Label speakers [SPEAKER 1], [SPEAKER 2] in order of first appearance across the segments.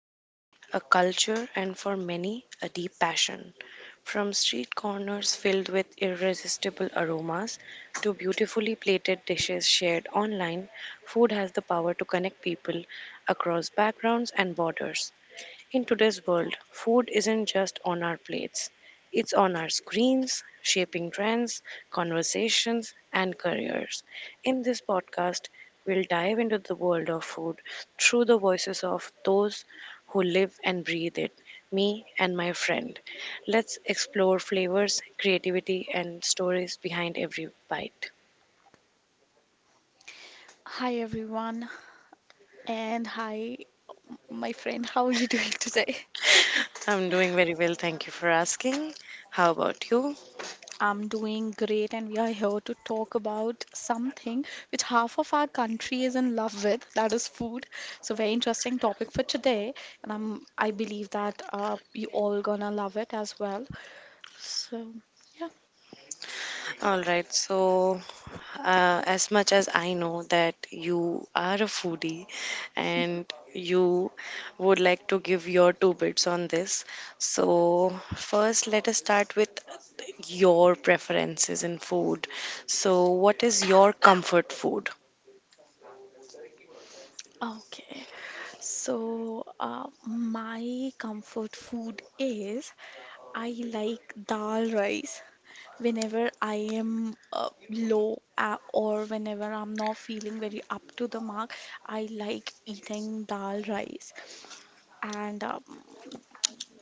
[SPEAKER 1] memory, a culture, and for many, a deep passion. From street corners filled with irresistible aromas to beautifully plated dishes shared online, food has the power to connect people across backgrounds and borders. In today's world, food isn't just on our plates, it's on our screens, shaping trends, conversations, and careers. In this podcast, we'll dive into the world of food through the voices of those who live and breathe it, me and my friend. Let's explore flavors, creativity, and stories behind every bite.
[SPEAKER 2] Hi everyone, and hi my friend, how are you doing today?
[SPEAKER 1] I'm doing very well, thank you for asking. How about you?
[SPEAKER 2] I'm doing great, and we are here to talk about something which half of our country is in love with, that is food. So very interesting topic for today, and I believe that you all gonna love it as well. So yeah,
[SPEAKER 1] All right, so as much as I know that you are a foodie and you would like to give your two bits on this. So, first, let us start with your preferences in food. So, what is your comfort food?
[SPEAKER 2] okay. So my comfort food is I like dal rice. Whenever I am low or whenever I'm not feeling very up to the mark, I like eating dal rice. And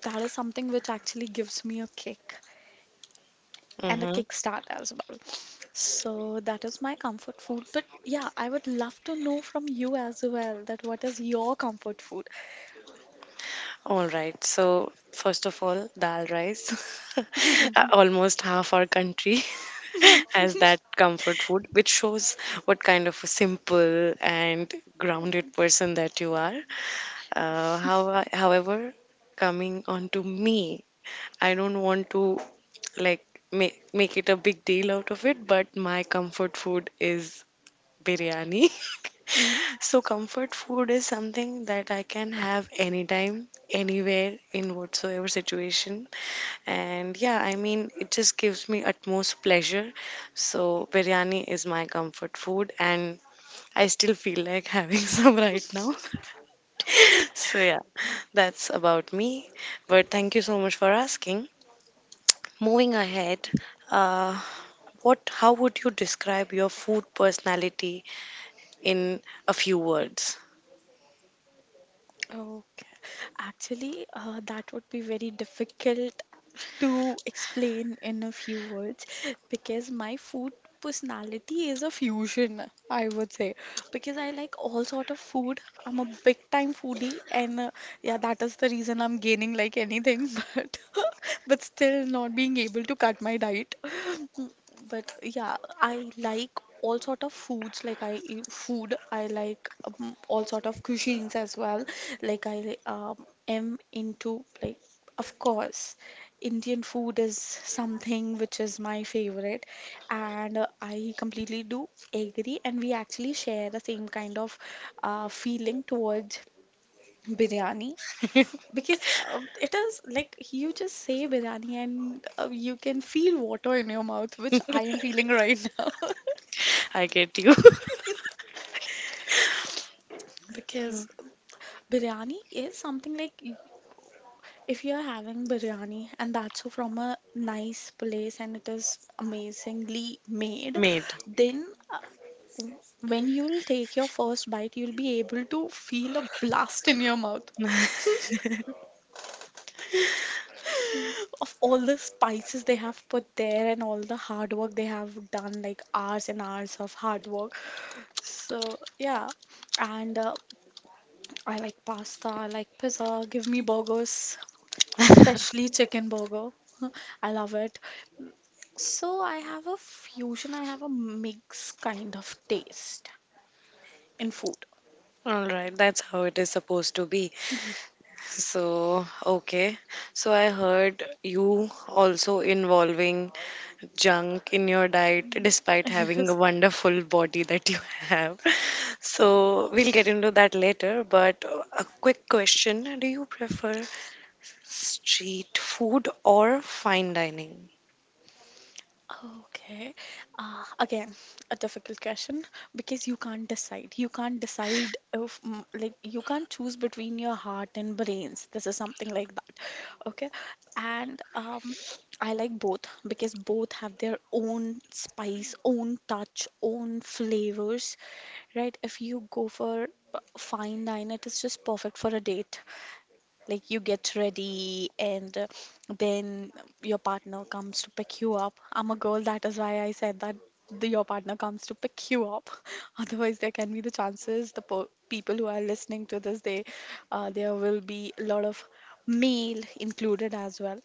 [SPEAKER 2] that is something which actually gives me a kick and a
[SPEAKER 1] Mm-hmm.
[SPEAKER 2] kickstart as well. So that is my comfort food. But yeah, I would love to know from you as well that what is your comfort food?
[SPEAKER 1] All right. So, first of all, dal rice. Almost half our country has that comfort food, which shows what kind of a simple and grounded person that you are. However, coming on to me, I don't want to like make it a big deal out of it, but my comfort food is biryani.
[SPEAKER 2] Mhm.
[SPEAKER 1] So comfort food is something that I can have anytime, anywhere, in whatsoever situation. And yeah, I mean, it just gives me utmost pleasure. So biryani is my comfort food, and I still feel like having some right now. So yeah, that's about me. But thank you so much for asking. Moving ahead, uh, what? How would you describe your food personality in a few words?
[SPEAKER 2] Okay. Actually, that would be very difficult to explain in a few words because my food personality is a fusion, I would say, because I like all sort of food. I'm a big time foodie, and yeah, that is the reason I'm gaining like anything, but but still not being able to cut my diet. But yeah, I like all sort of foods. Like I eat food, I like all sort of cuisines as well. Like I am into like of course, Indian food is something which is my favorite, and I completely do agree. And we actually share the same kind of feeling towards biryani. Because it is like you just say biryani and you can feel water in your mouth, which I am feeling right now.
[SPEAKER 1] I get you.
[SPEAKER 2] Because biryani is something like if you're having biryani and that's from a nice place and it is amazingly made,
[SPEAKER 1] Made.
[SPEAKER 2] then uh, when you'll take your first bite, you'll be able to feel a blast in your mouth. Of all the spices they have put there and all the hard work they have done, like hours and hours of hard work. So, yeah. And I like pasta, I like pizza, give me burgers, especially chicken burger. I love it. So, I have a fusion, I have a mix kind of taste in food.
[SPEAKER 1] All right, that's how it is supposed to be. So, okay. So, I heard you also involving junk in your diet despite having a
[SPEAKER 2] Yes.
[SPEAKER 1] wonderful body that you have. So, we'll get into that later. But a quick question. Do you prefer street food or fine dining?
[SPEAKER 2] Okay. Again, a difficult question because you can't decide. You can't decide if, like, you can't choose between your heart and brains. This is something like that. Okay. And I like both because both have their own spice, own touch, own flavors, right? If you go for fine dine, it is just perfect for a date. Like you get ready and then your partner comes to pick you up. I'm a girl, that is why I said that your partner comes to pick you up. Otherwise, there can be the chances the po people who are listening to this, they there will be a lot of male included as well.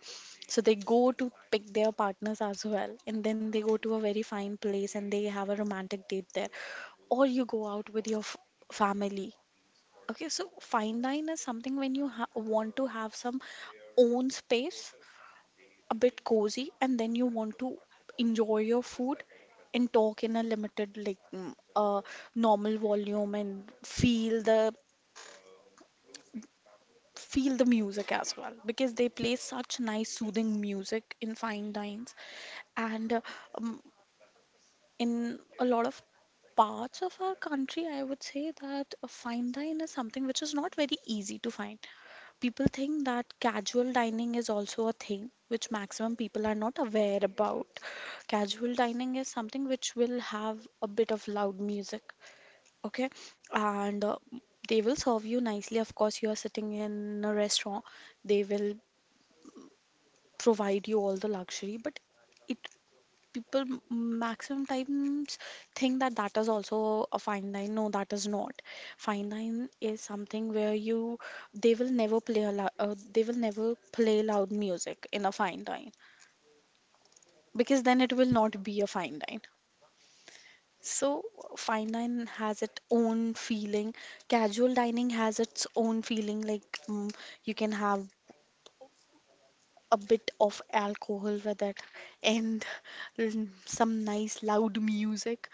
[SPEAKER 2] So they go to pick their partners as well, and then they go to a very fine place and they have a romantic date there, or you go out with your f family. Okay, so fine dine is something when you ha want to have some own space, a bit cozy, and then you want to enjoy your food and talk in a limited, like normal volume and feel the music as well because they play such nice soothing music in fine dines, and um, in a lot of parts of our country, I would say that a fine dine is something which is not very easy to find. People think that casual dining is also a thing which maximum people are not aware about. Casual dining is something which will have a bit of loud music, okay? And they will serve you nicely. Of course, you are sitting in a restaurant, they will provide you all the luxury, but it people maximum times think that that is also a fine line. No, that is not. Fine line is something where you they will never play a they will never play loud music in a fine line, because then it will not be a fine line. So fine line has its own feeling, casual dining has its own feeling, like you can have a bit of alcohol with it, and l- some nice loud music.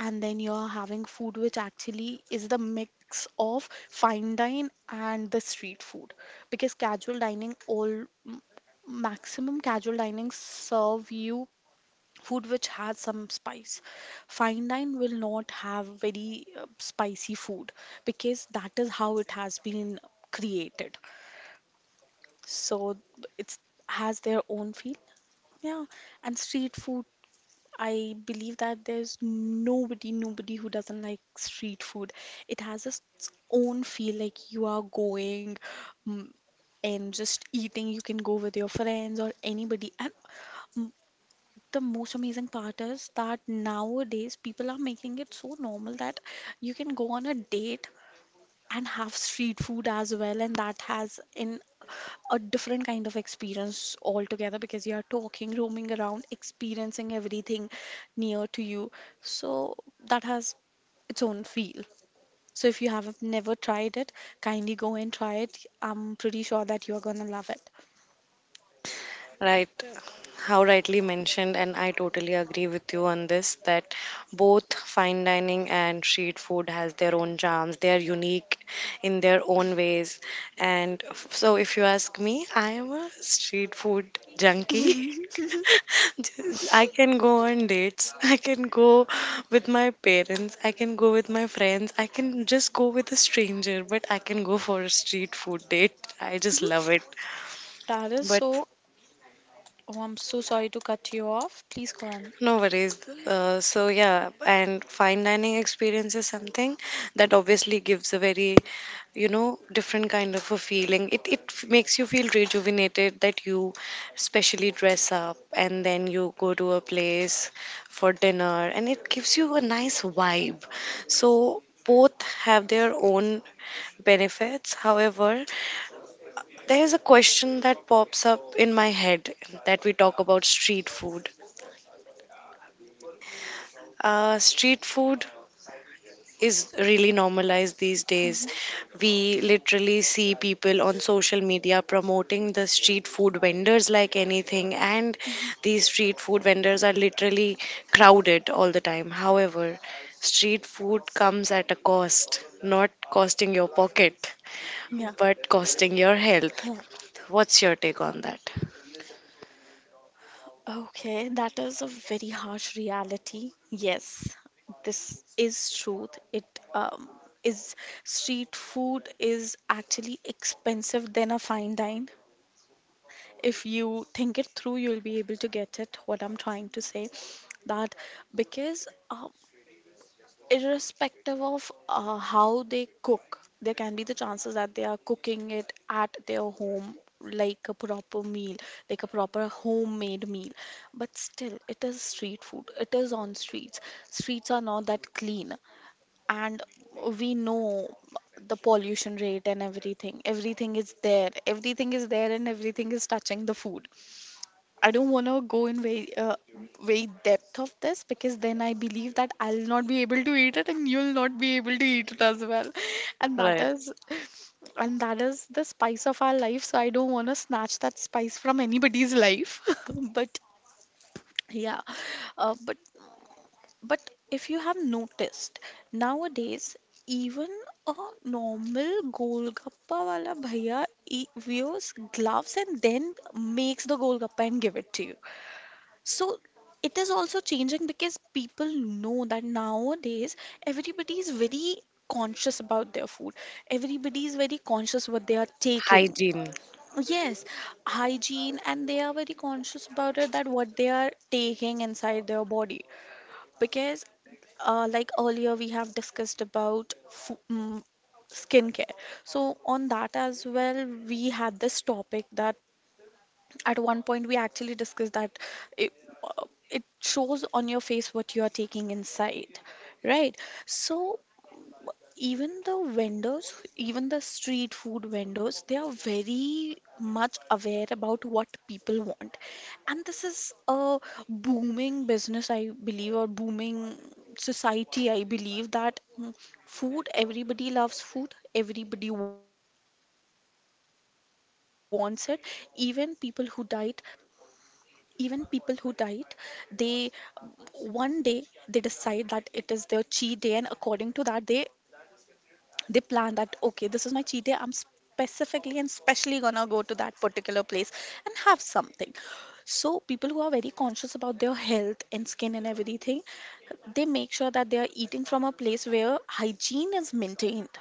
[SPEAKER 2] And then you're having food, which actually is the mix of fine dine and the street food. Because casual dining, all maximum casual dining serve you food which has some spice. Fine dine will not have very spicy food because that is how it has been created. So it's has their own feel. Yeah, and street food, I believe that there's nobody, nobody who doesn't like street food. It has its own feel, like you are going, mm, and just eating. You can go with your friends or anybody. And mm, the most amazing part is that nowadays people are making it so normal that you can go on a date and have street food as well, and that has an a different kind of experience altogether, because you are talking, roaming around, experiencing everything near to you. So that has its own feel. So if you have never tried it, kindly go and try it. I'm pretty sure that you're gonna love it.
[SPEAKER 1] Right, how rightly mentioned, and I totally agree with you on this that both fine dining and street food has their own charms. They are unique in their own ways. So, if you ask me, I am a street food junkie. I can go on dates. I can go with my parents. I can go with my friends. I can just go with a stranger, but I can go for a street food date. I just love it.
[SPEAKER 2] That is
[SPEAKER 1] But
[SPEAKER 2] so. Oh, I'm so sorry to cut you off. Please go on.
[SPEAKER 1] no worries. So yeah, and fine dining experience is something that obviously gives a very, you know, different kind of a feeling. It makes you feel rejuvenated that you specially dress up and then you go to a place for dinner and it gives you a nice vibe. So both have their own benefits. However, there is a question that pops up in my head that we talk about street food. Street food is really normalized these days.
[SPEAKER 2] Mhm,
[SPEAKER 1] We literally see people on social media promoting the street food vendors like anything, and
[SPEAKER 2] mhm.
[SPEAKER 1] these street food vendors are literally crowded all the time. However, street food comes at a cost, not costing your pocket,
[SPEAKER 2] Yeah,
[SPEAKER 1] but costing your health.
[SPEAKER 2] yeah.
[SPEAKER 1] What's your take on that?
[SPEAKER 2] Okay, that is a very harsh reality. Yes, this is truth. It um, is street food is actually expensive than a fine dine. If you think it through, you'll be able to get it. What I'm trying to say that because irrespective of how they cook, there can be the chances that they are cooking it at their home like a proper meal, like a proper homemade meal. But still, it is street food. It is on streets. Streets are not that clean, and we know the pollution rate and everything. Everything is there. Everything is there, and everything is touching the food. I don't want to go in very very depth of this because then I believe that I'll not be able to eat it and you'll not be able to eat it as well. And that
[SPEAKER 1] Right.
[SPEAKER 2] is and that is the spice of our life. So I don't want to snatch that spice from anybody's life. But yeah, uh, but but if you have noticed nowadays, even a normal golgappa wala bhaiya wears gloves and then makes the golgappa and give it to you. So it is also changing because people know that nowadays everybody is very conscious about their food. Everybody is very conscious what they are taking.
[SPEAKER 1] Hygiene.
[SPEAKER 2] Yes, hygiene, and they are very conscious about it, that what they are taking inside their body. Because, like earlier, we have discussed about skincare. So on that as well, we had this topic that at one point we actually discussed that it, uh, it shows on your face what you are taking inside, right? So even the street food vendors, they are very much aware about what people want. And this is a booming business, I believe, or booming society. I believe that, food, everybody loves food, everybody wants it. Even people who diet even people who diet they one day they decide that it is their cheat day, and according to that, they plan that okay, this is my cheat day, I'm specifically and specially gonna go to that particular place and have something. So people who are very conscious about their health and skin and everything, they make sure that they are eating from a place where hygiene is maintained,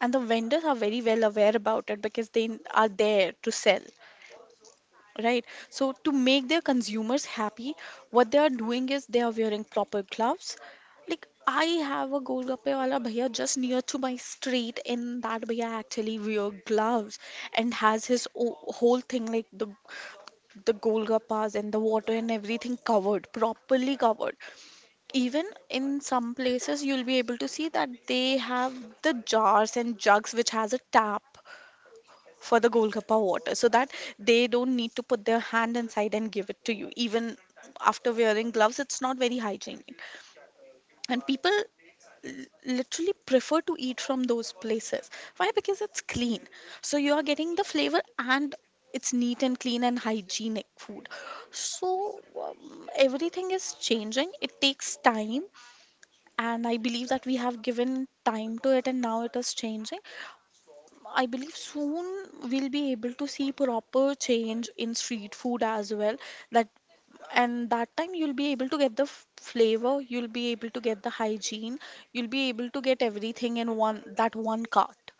[SPEAKER 2] and the vendors are very well aware about it, because they are there to sell, right? So to make their consumers happy, what they are doing is they are wearing proper gloves. Like I have a golgappe wala bhaiya just near to my street, and that bhaiya actually wear gloves and has his whole thing, like the golgappas and the water and everything covered, properly covered. Even in some places, you'll be able to see that they have the jars and jugs which has a tap for the Golgappa water, so that they don't need to put their hand inside and give it to you. Even after wearing gloves, it's not very hygienic. And people literally prefer to eat from those places. Why? Because it's clean. So you are getting the flavor, and it's neat and clean and hygienic food. So everything is changing. It takes time, and I believe that we have given time to it, and now it is changing. I believe soon we'll be able to see proper change in street food as well. That and that time you'll be able to get the flavor, you'll be able to get the hygiene, you'll be able to get everything in one that one cart.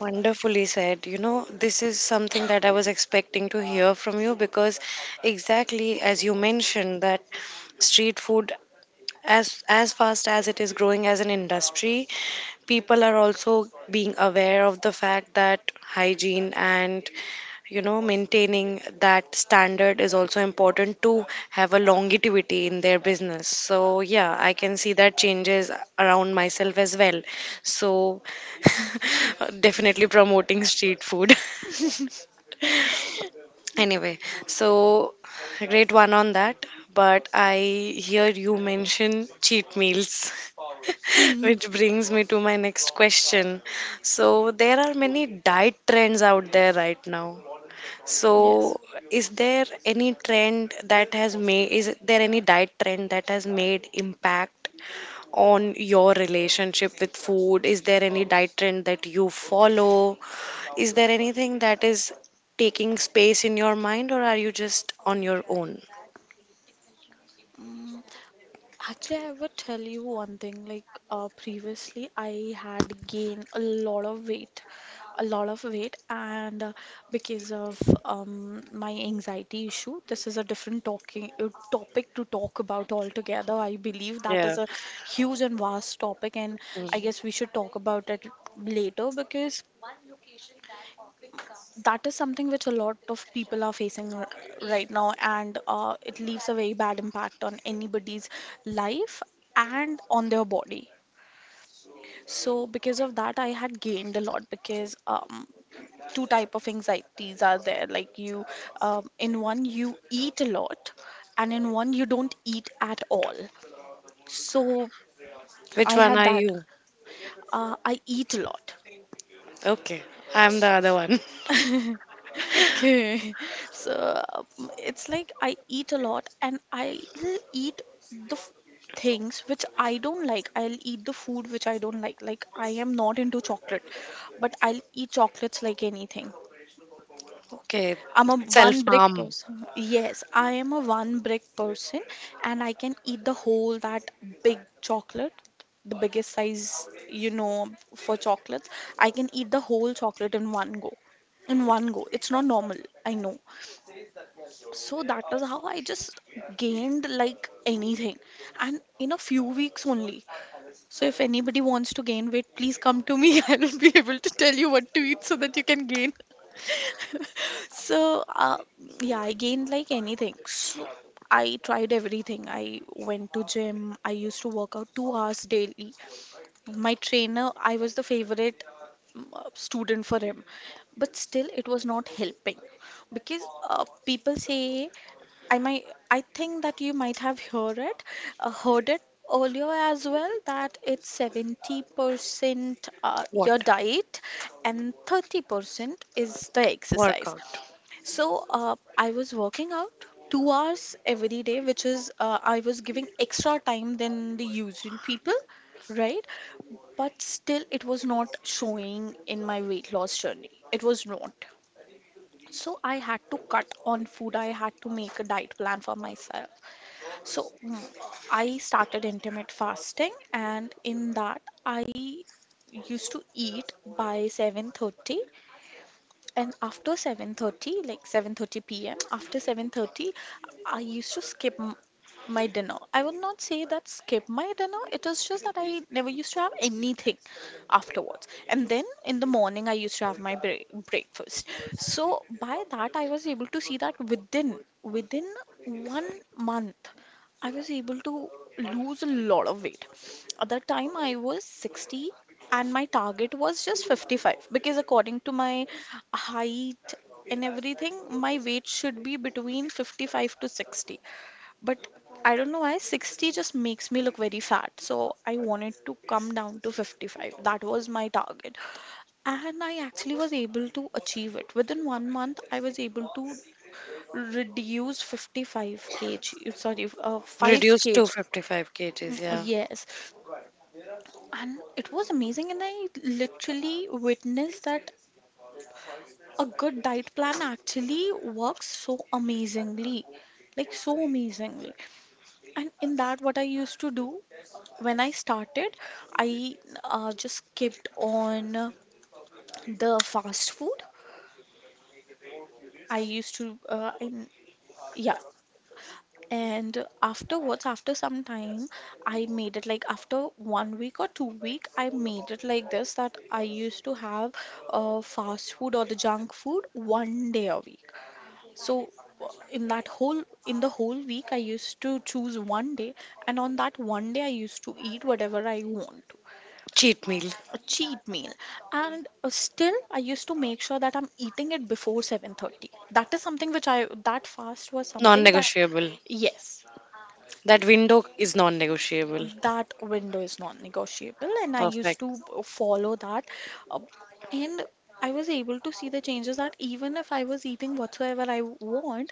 [SPEAKER 1] Wonderfully said. You know, this is something that I was expecting to hear from you because exactly as you mentioned that street food, as fast as it is growing as an industry, people are also being aware of the fact that hygiene and you know maintaining that standard is also important to have a longevity in their business. So yeah, I can see that changes around myself as well. So definitely promoting street food. Anyway, so great one on that. But I hear you mention cheat meals
[SPEAKER 2] Hmm.
[SPEAKER 1] which brings me to my next question. So there are many diet trends out there right now. So,
[SPEAKER 2] Yes.
[SPEAKER 1] is there any trend that has made, is there any diet trend that has made impact on your relationship with food? Is there any diet trend that you follow? Is there anything that is taking space in your mind, or are you just on your own?
[SPEAKER 2] Actually, I would tell you one thing. Like previously, I had gained a lot of weight, a lot of weight, and because of my anxiety issue. This is a different talking topic to talk about altogether. I believe that
[SPEAKER 1] Yeah.
[SPEAKER 2] is a huge and vast topic, and I guess we should talk about it later, because
[SPEAKER 1] Mm.
[SPEAKER 2] that is something which a lot of people are facing right now, and it leaves a very bad impact on anybody's life and on their body. So because of that, I had gained a lot, because two type of anxieties are there. Like you, in one you eat a lot, and in one you don't eat at all. So
[SPEAKER 1] Which
[SPEAKER 2] I
[SPEAKER 1] one
[SPEAKER 2] had
[SPEAKER 1] are
[SPEAKER 2] that.
[SPEAKER 1] you?
[SPEAKER 2] I eat a lot.
[SPEAKER 1] Okay, I'm the other one.
[SPEAKER 2] Okay. So it's like I eat a lot, and I'll eat the things which I don't like. I'll eat the food which I don't like. Like, I am not into chocolate, but I'll eat chocolates like anything.
[SPEAKER 1] Okay,
[SPEAKER 2] I'm a
[SPEAKER 1] self
[SPEAKER 2] one brick
[SPEAKER 1] harm.
[SPEAKER 2] person. Yes, I am a one brick person, and I can eat the whole that big chocolate, the biggest size, you know, for chocolates. I can eat the whole chocolate in one go. In one go. It's not normal, I know. So that is how I just gained like anything, and in a few weeks only. So if anybody wants to gain weight, please come to me. I'll be able to tell you what to eat so that you can gain. So yeah, I gained like anything. So I tried everything. I went to gym. I used to work out 2 hours daily. My trainer, I was the favorite student for him, but still it was not helping, because people say, I might, I think that you might have heard it, uh, heard it earlier as well, that it's 70%
[SPEAKER 1] What?
[SPEAKER 2] your diet and 30% is the exercise.
[SPEAKER 1] Workout.
[SPEAKER 2] So I was working out 2 hours every day, which is, I was giving extra time than the usual people, right? But still, it was not showing in my weight loss journey. It was not. So I had to cut on food. I had to make a diet plan for myself. So I started intermittent fasting, and in that I used to eat by 7:30, and after 7:30, like 7:30 p.m., after 7:30 I used to skip my dinner. I would not say that skip my dinner, it was just that I never used to have anything afterwards. And then in the morning, I used to have my breakfast. So by that, I was able to see that within one month I was able to lose a lot of weight. At that time, I was 60, and my target was just 55, because, according to my height and everything, my weight should be between 55 to 60. But I don't know why 60 just makes me look very fat. So I wanted to come down to 55. That was my target. And I actually was able to achieve it. Within one month, I was able to reduce 55 kg, sorry, 5
[SPEAKER 1] Reduce to
[SPEAKER 2] kg
[SPEAKER 1] 55 kg
[SPEAKER 2] Mm,
[SPEAKER 1] kgs, yeah.
[SPEAKER 2] yes, and it was amazing, and I literally witnessed that a good diet plan actually works so amazingly, like so amazingly. And in that, what I used to do when I started, I just kept on the fast food. I used to I yeah, And afterwards, after some time, I made it like after one week or 2 week, I made it like this, that I used to have fast food or the junk food one day a week. So uh, in the whole week, I used to choose one day, and on that one day, I used to eat whatever I want to.
[SPEAKER 1] Cheat meal.
[SPEAKER 2] A cheat meal, and still I used to make sure that I'm eating it before 7:30. That is something which I that fast was
[SPEAKER 1] Non
[SPEAKER 2] something that,
[SPEAKER 1] negotiable.
[SPEAKER 2] yes,
[SPEAKER 1] That window is non negotiable.
[SPEAKER 2] that window is non-negotiable, and I used to
[SPEAKER 1] Perfect.
[SPEAKER 2] follow that, uh, and I was able to see the changes, that even if I was eating whatsoever I want,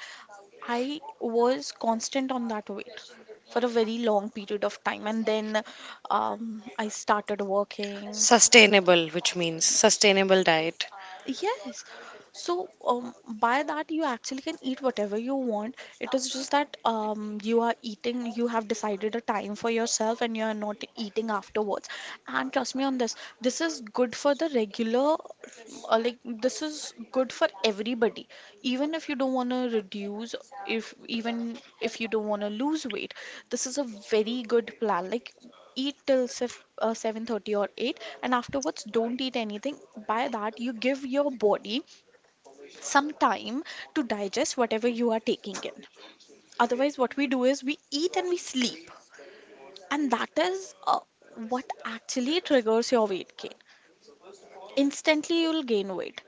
[SPEAKER 2] I was constant on that weight for a very long period of time. And then I started working.
[SPEAKER 1] Sustainable, which means sustainable diet.
[SPEAKER 2] Yes. So by that you actually can eat whatever you want. It is just that you are eating, you have decided a time for yourself and you are not eating afterwards. And trust me on this, this is good for the regular, this is good for everybody. Even if you don't want to reduce, if even if you don't want to lose weight, this is a very good plan. Like, eat till 7:30 or 8, and afterwards don't eat anything. By that, you give your body some time to digest whatever you are taking in. Otherwise, what we do is we eat and we sleep, and that is what actually triggers your weight gain. Instantly you'll gain weight.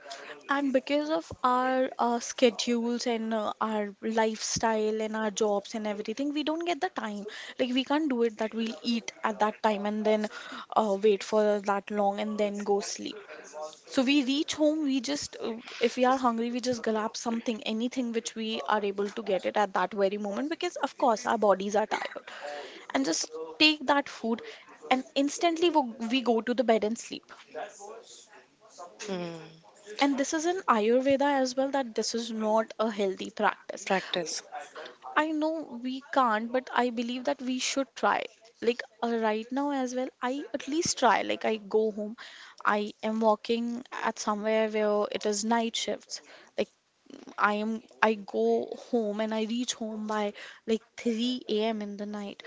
[SPEAKER 2] And because of our schedules and our lifestyle and our jobs and everything, we don't get the time. Like, we can't do it, that we'll eat at that time and then wait for that long and then go sleep. So we reach home, we just, if we are hungry, we just grab something, anything which we are able to get it at that very moment, because of course our bodies are tired. And just take that food and instantly we go to the bed and sleep. And this is in ayurveda as well, that this is not a healthy practice.
[SPEAKER 1] Practice.
[SPEAKER 2] I know we can't, but I believe that we should try. Like, right now as well, I at least try. Like, I go home. I am working at somewhere where it is night shifts. Like, I am I go home and I reach home by like 3 a.m. in the night,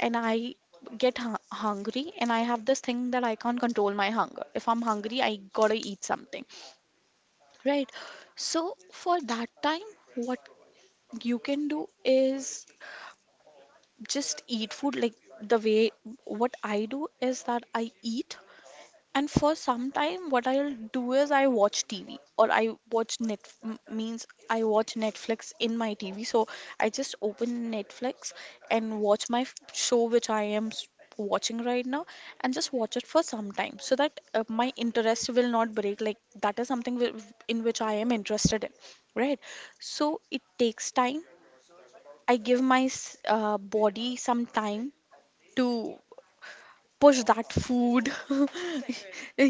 [SPEAKER 2] and I get hungry, and I have this thing that I can't control my hunger. If I'm hungry, I gotta eat something. Right. So for that time, what you can do is just eat food. Like, the way what I do is that I eat, and for some time, what I'll do is I watch TV, or I watch means I watch Netflix in my TV. So I just open Netflix and watch my show which I am watching right now, and just watch it for some time so that my interest will not break. Like, that is something in which I am interested in, right? So it takes time. I give my body some time to push that food.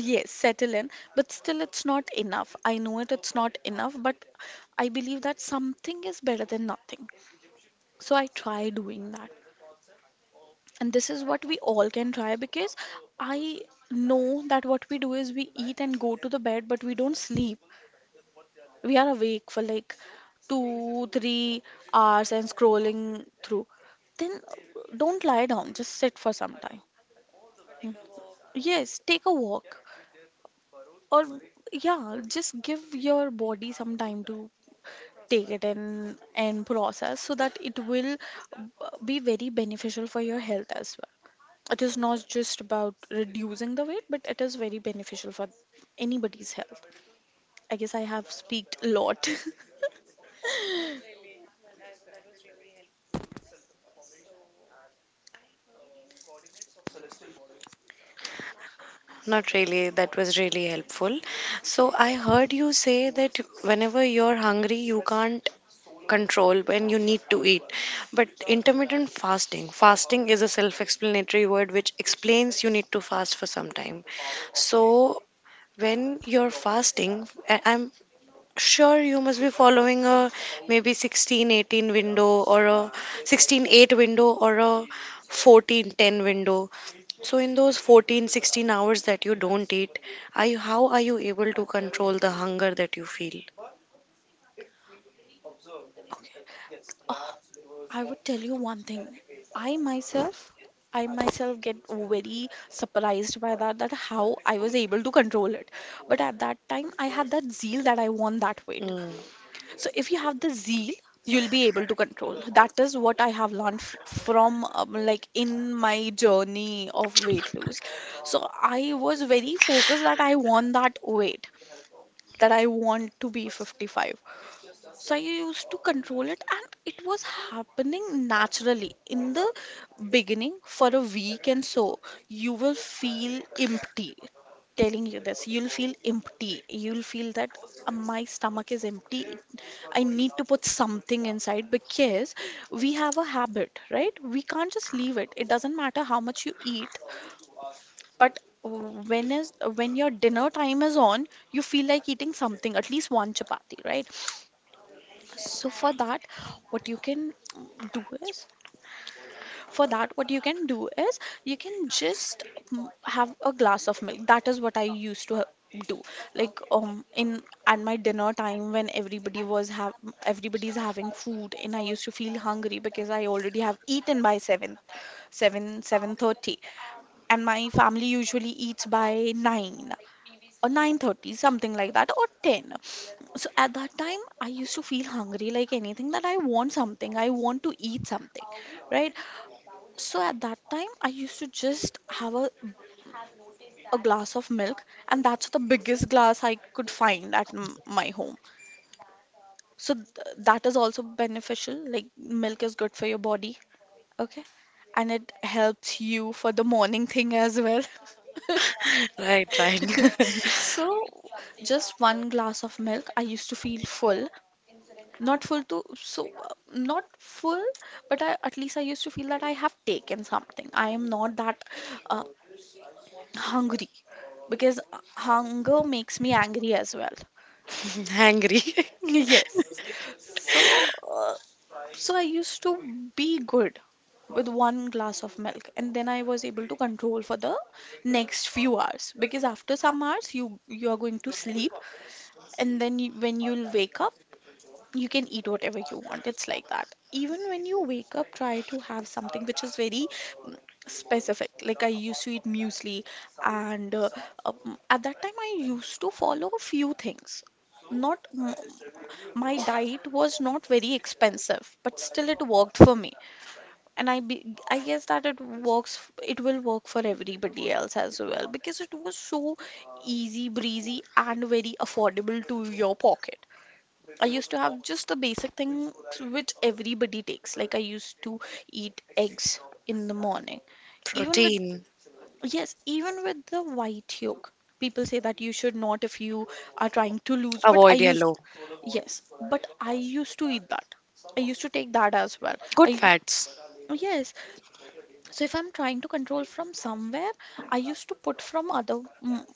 [SPEAKER 2] Yes, settle in. But still it's not enough, I know it, it's not enough, but I believe that something is better than nothing. So I try doing that, and this is what we all can try, because I know that what we do is we eat and go to the bed, but we don't sleep. We are awake for like 2-3 hours and scrolling through. Then don't lie down, just sit for some time. Mm. Yes, take a walk, or yeah, just give your body some time to take it in and process so that it will be very beneficial for your health as well. It is not just about reducing the weight, but it is very beneficial for anybody's health. I guess I have speaked a lot.
[SPEAKER 1] Not really. That was really helpful. So I heard you say that whenever you're hungry, you can't control when you need to eat. But intermittent fasting, fasting is a self explanatory word which explains you need to fast for some time. So when you're fasting, I'm sure, you must be following a maybe 16 18 window or a 16 8 window or a 14 10 window. So, in those 14 16 hours that you don't eat, are you, how are you able to control the hunger that you feel?
[SPEAKER 2] Oh, I would tell you one thing. I myself, I myself get very surprised by that, that how I was able to control it. But at that time, I had that zeal that I want that weight.
[SPEAKER 1] Mm.
[SPEAKER 2] So if you have the zeal, you'll be able to control. That is what I have learned f from like, in my journey of weight loss. So I was very focused that I want that weight, that I want to be 55. So I used to control it, and it was happening naturally in the beginning for a week and so. You will feel empty, telling you this, you'll feel empty, you'll feel that, my stomach is empty. I need to put something inside," because we have a habit, right? We can't just leave it. It doesn't matter how much you eat, but when your dinner time is on, you feel like eating something, at least one chapati, right? So for that, what you can do is, for that, what you can do is, you can just have a glass of milk. That is what I used to do. Like in at my dinner time when everybody was have everybody's having food, and I used to feel hungry because I already have eaten by 7:30, and my family usually eats by nine or 9:30, something like that, or 10. So at that time I used to feel hungry like anything, that I want something, I want to eat something, right? So at that time I used to just have a glass of milk, and that's the biggest glass I could find at my home. So that is also beneficial, like milk is good for your body, okay, and it helps you for the morning thing as well.
[SPEAKER 1] Right, right.
[SPEAKER 2] So, just one glass of milk, I used to feel full. Not full, but I, at least I used to feel that I have taken something. I am not that uh, hungry, because hunger makes me angry as well.
[SPEAKER 1] Hungry.
[SPEAKER 2] Yes. So, uh, so I used to be good with one glass of milk, and then I was able to control for the next few hours, because after some hours you are going to sleep, and then when you'll wake up you can eat whatever you want. It's like that. Even when you wake up, try to have something which is very mm, specific. Like I used to eat muesli. And At that time I used to follow a few things. Not m- My diet was not very expensive, but still it worked for me, and I guess that it works. It will work for everybody else as well, because it was so easy breezy and very affordable to your pocket. I used to have just the basic things which everybody takes. Like I used to eat eggs in the morning. Even with,
[SPEAKER 1] Protein.
[SPEAKER 2] yes, even with the white yolk. People say that you should not if you are trying to lose, but
[SPEAKER 1] Avoid yellow.
[SPEAKER 2] yes, but I used to eat that. I used to take that as well.
[SPEAKER 1] Good
[SPEAKER 2] I,
[SPEAKER 1] fats.
[SPEAKER 2] yes, so if I'm trying to control from somewhere, I used to put from other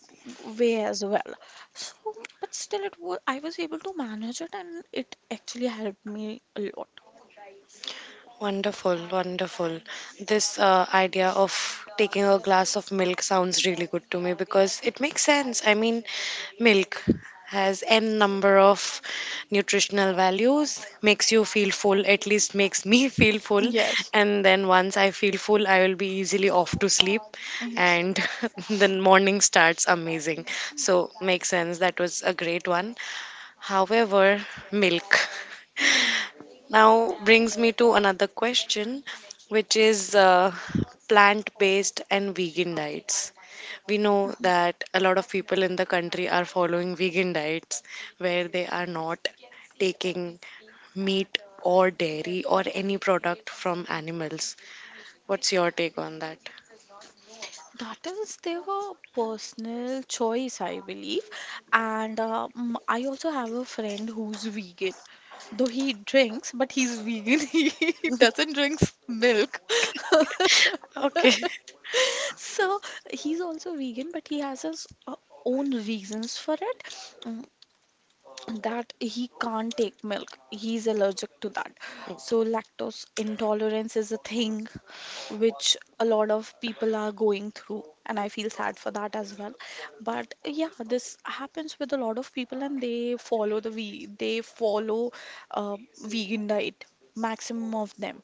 [SPEAKER 2] way as well. So, but still it was I was able to manage it, and it actually helped me a lot.
[SPEAKER 1] Wonderful, wonderful. This idea of taking a glass of milk sounds really good to me because it makes sense. I mean, milk has n number of nutritional values, makes you feel full, at least makes me feel full.
[SPEAKER 2] Yes.
[SPEAKER 1] And then once I feel full, I will be easily off to sleep,
[SPEAKER 2] Yes.
[SPEAKER 1] and the morning starts amazing. So, makes sense. That was a great one. However, milk. Now brings me to another question, which is plant based and vegan diets. We know that a lot of people in the country are following vegan diets where they are not taking meat or dairy or any product from animals. What's your take on that?
[SPEAKER 2] That is their personal choice, I believe. And I also have a friend who's vegan. Though he drinks, but he's vegan. He doesn't drink milk.
[SPEAKER 1] Okay.
[SPEAKER 2] So he's also vegan, but he has his own reasons for it. Mm, that he can't take milk. He's allergic to that. So lactose intolerance is a thing which a lot of people are going through, and I feel sad for that as well. But yeah, this happens with a lot of people, and they follow they follow vegan diet, maximum of them.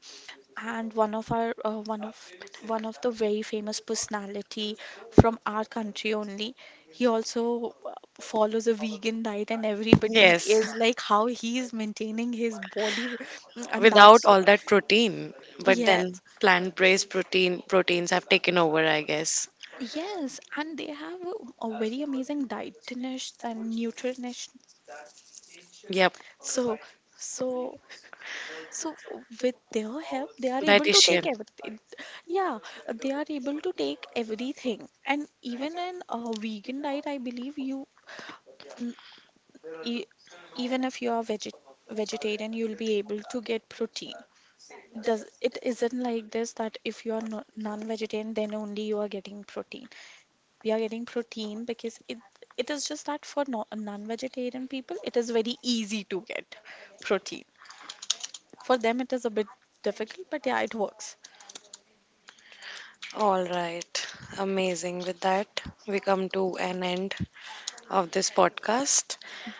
[SPEAKER 2] And one of our one of the very famous personality from our country only, he also follows a vegan diet, and everybody
[SPEAKER 1] Yes.
[SPEAKER 2] is like how he is maintaining his body, and
[SPEAKER 1] Without
[SPEAKER 2] that's
[SPEAKER 1] all that protein, but then
[SPEAKER 2] yes.
[SPEAKER 1] plant based protein proteins have taken over, I guess.
[SPEAKER 2] Yes, and they have a very amazing dietitious and nutritionists.
[SPEAKER 1] Yep,
[SPEAKER 2] so so So with their help, they are able to take
[SPEAKER 1] dietitian.
[SPEAKER 2] everything. Yeah, they are able to take everything. And even in a vegan diet, I believe n- e- even if you are vegetarian, you'll be able to get protein. Does it isn't like this that if you are no, non-vegetarian, then only you are getting protein. We are getting protein because it is just that for no, non-vegetarian people, it is very easy to get protein. For them, it is a bit difficult, but yeah, it works.
[SPEAKER 1] All right, amazing. With that, we come to an end of this podcast.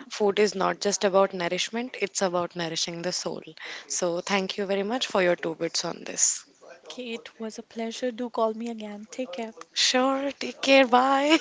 [SPEAKER 1] Food is not just about nourishment, it's about nourishing the soul. So, thank you very much for your two bits on this. Sure, take care. Bye.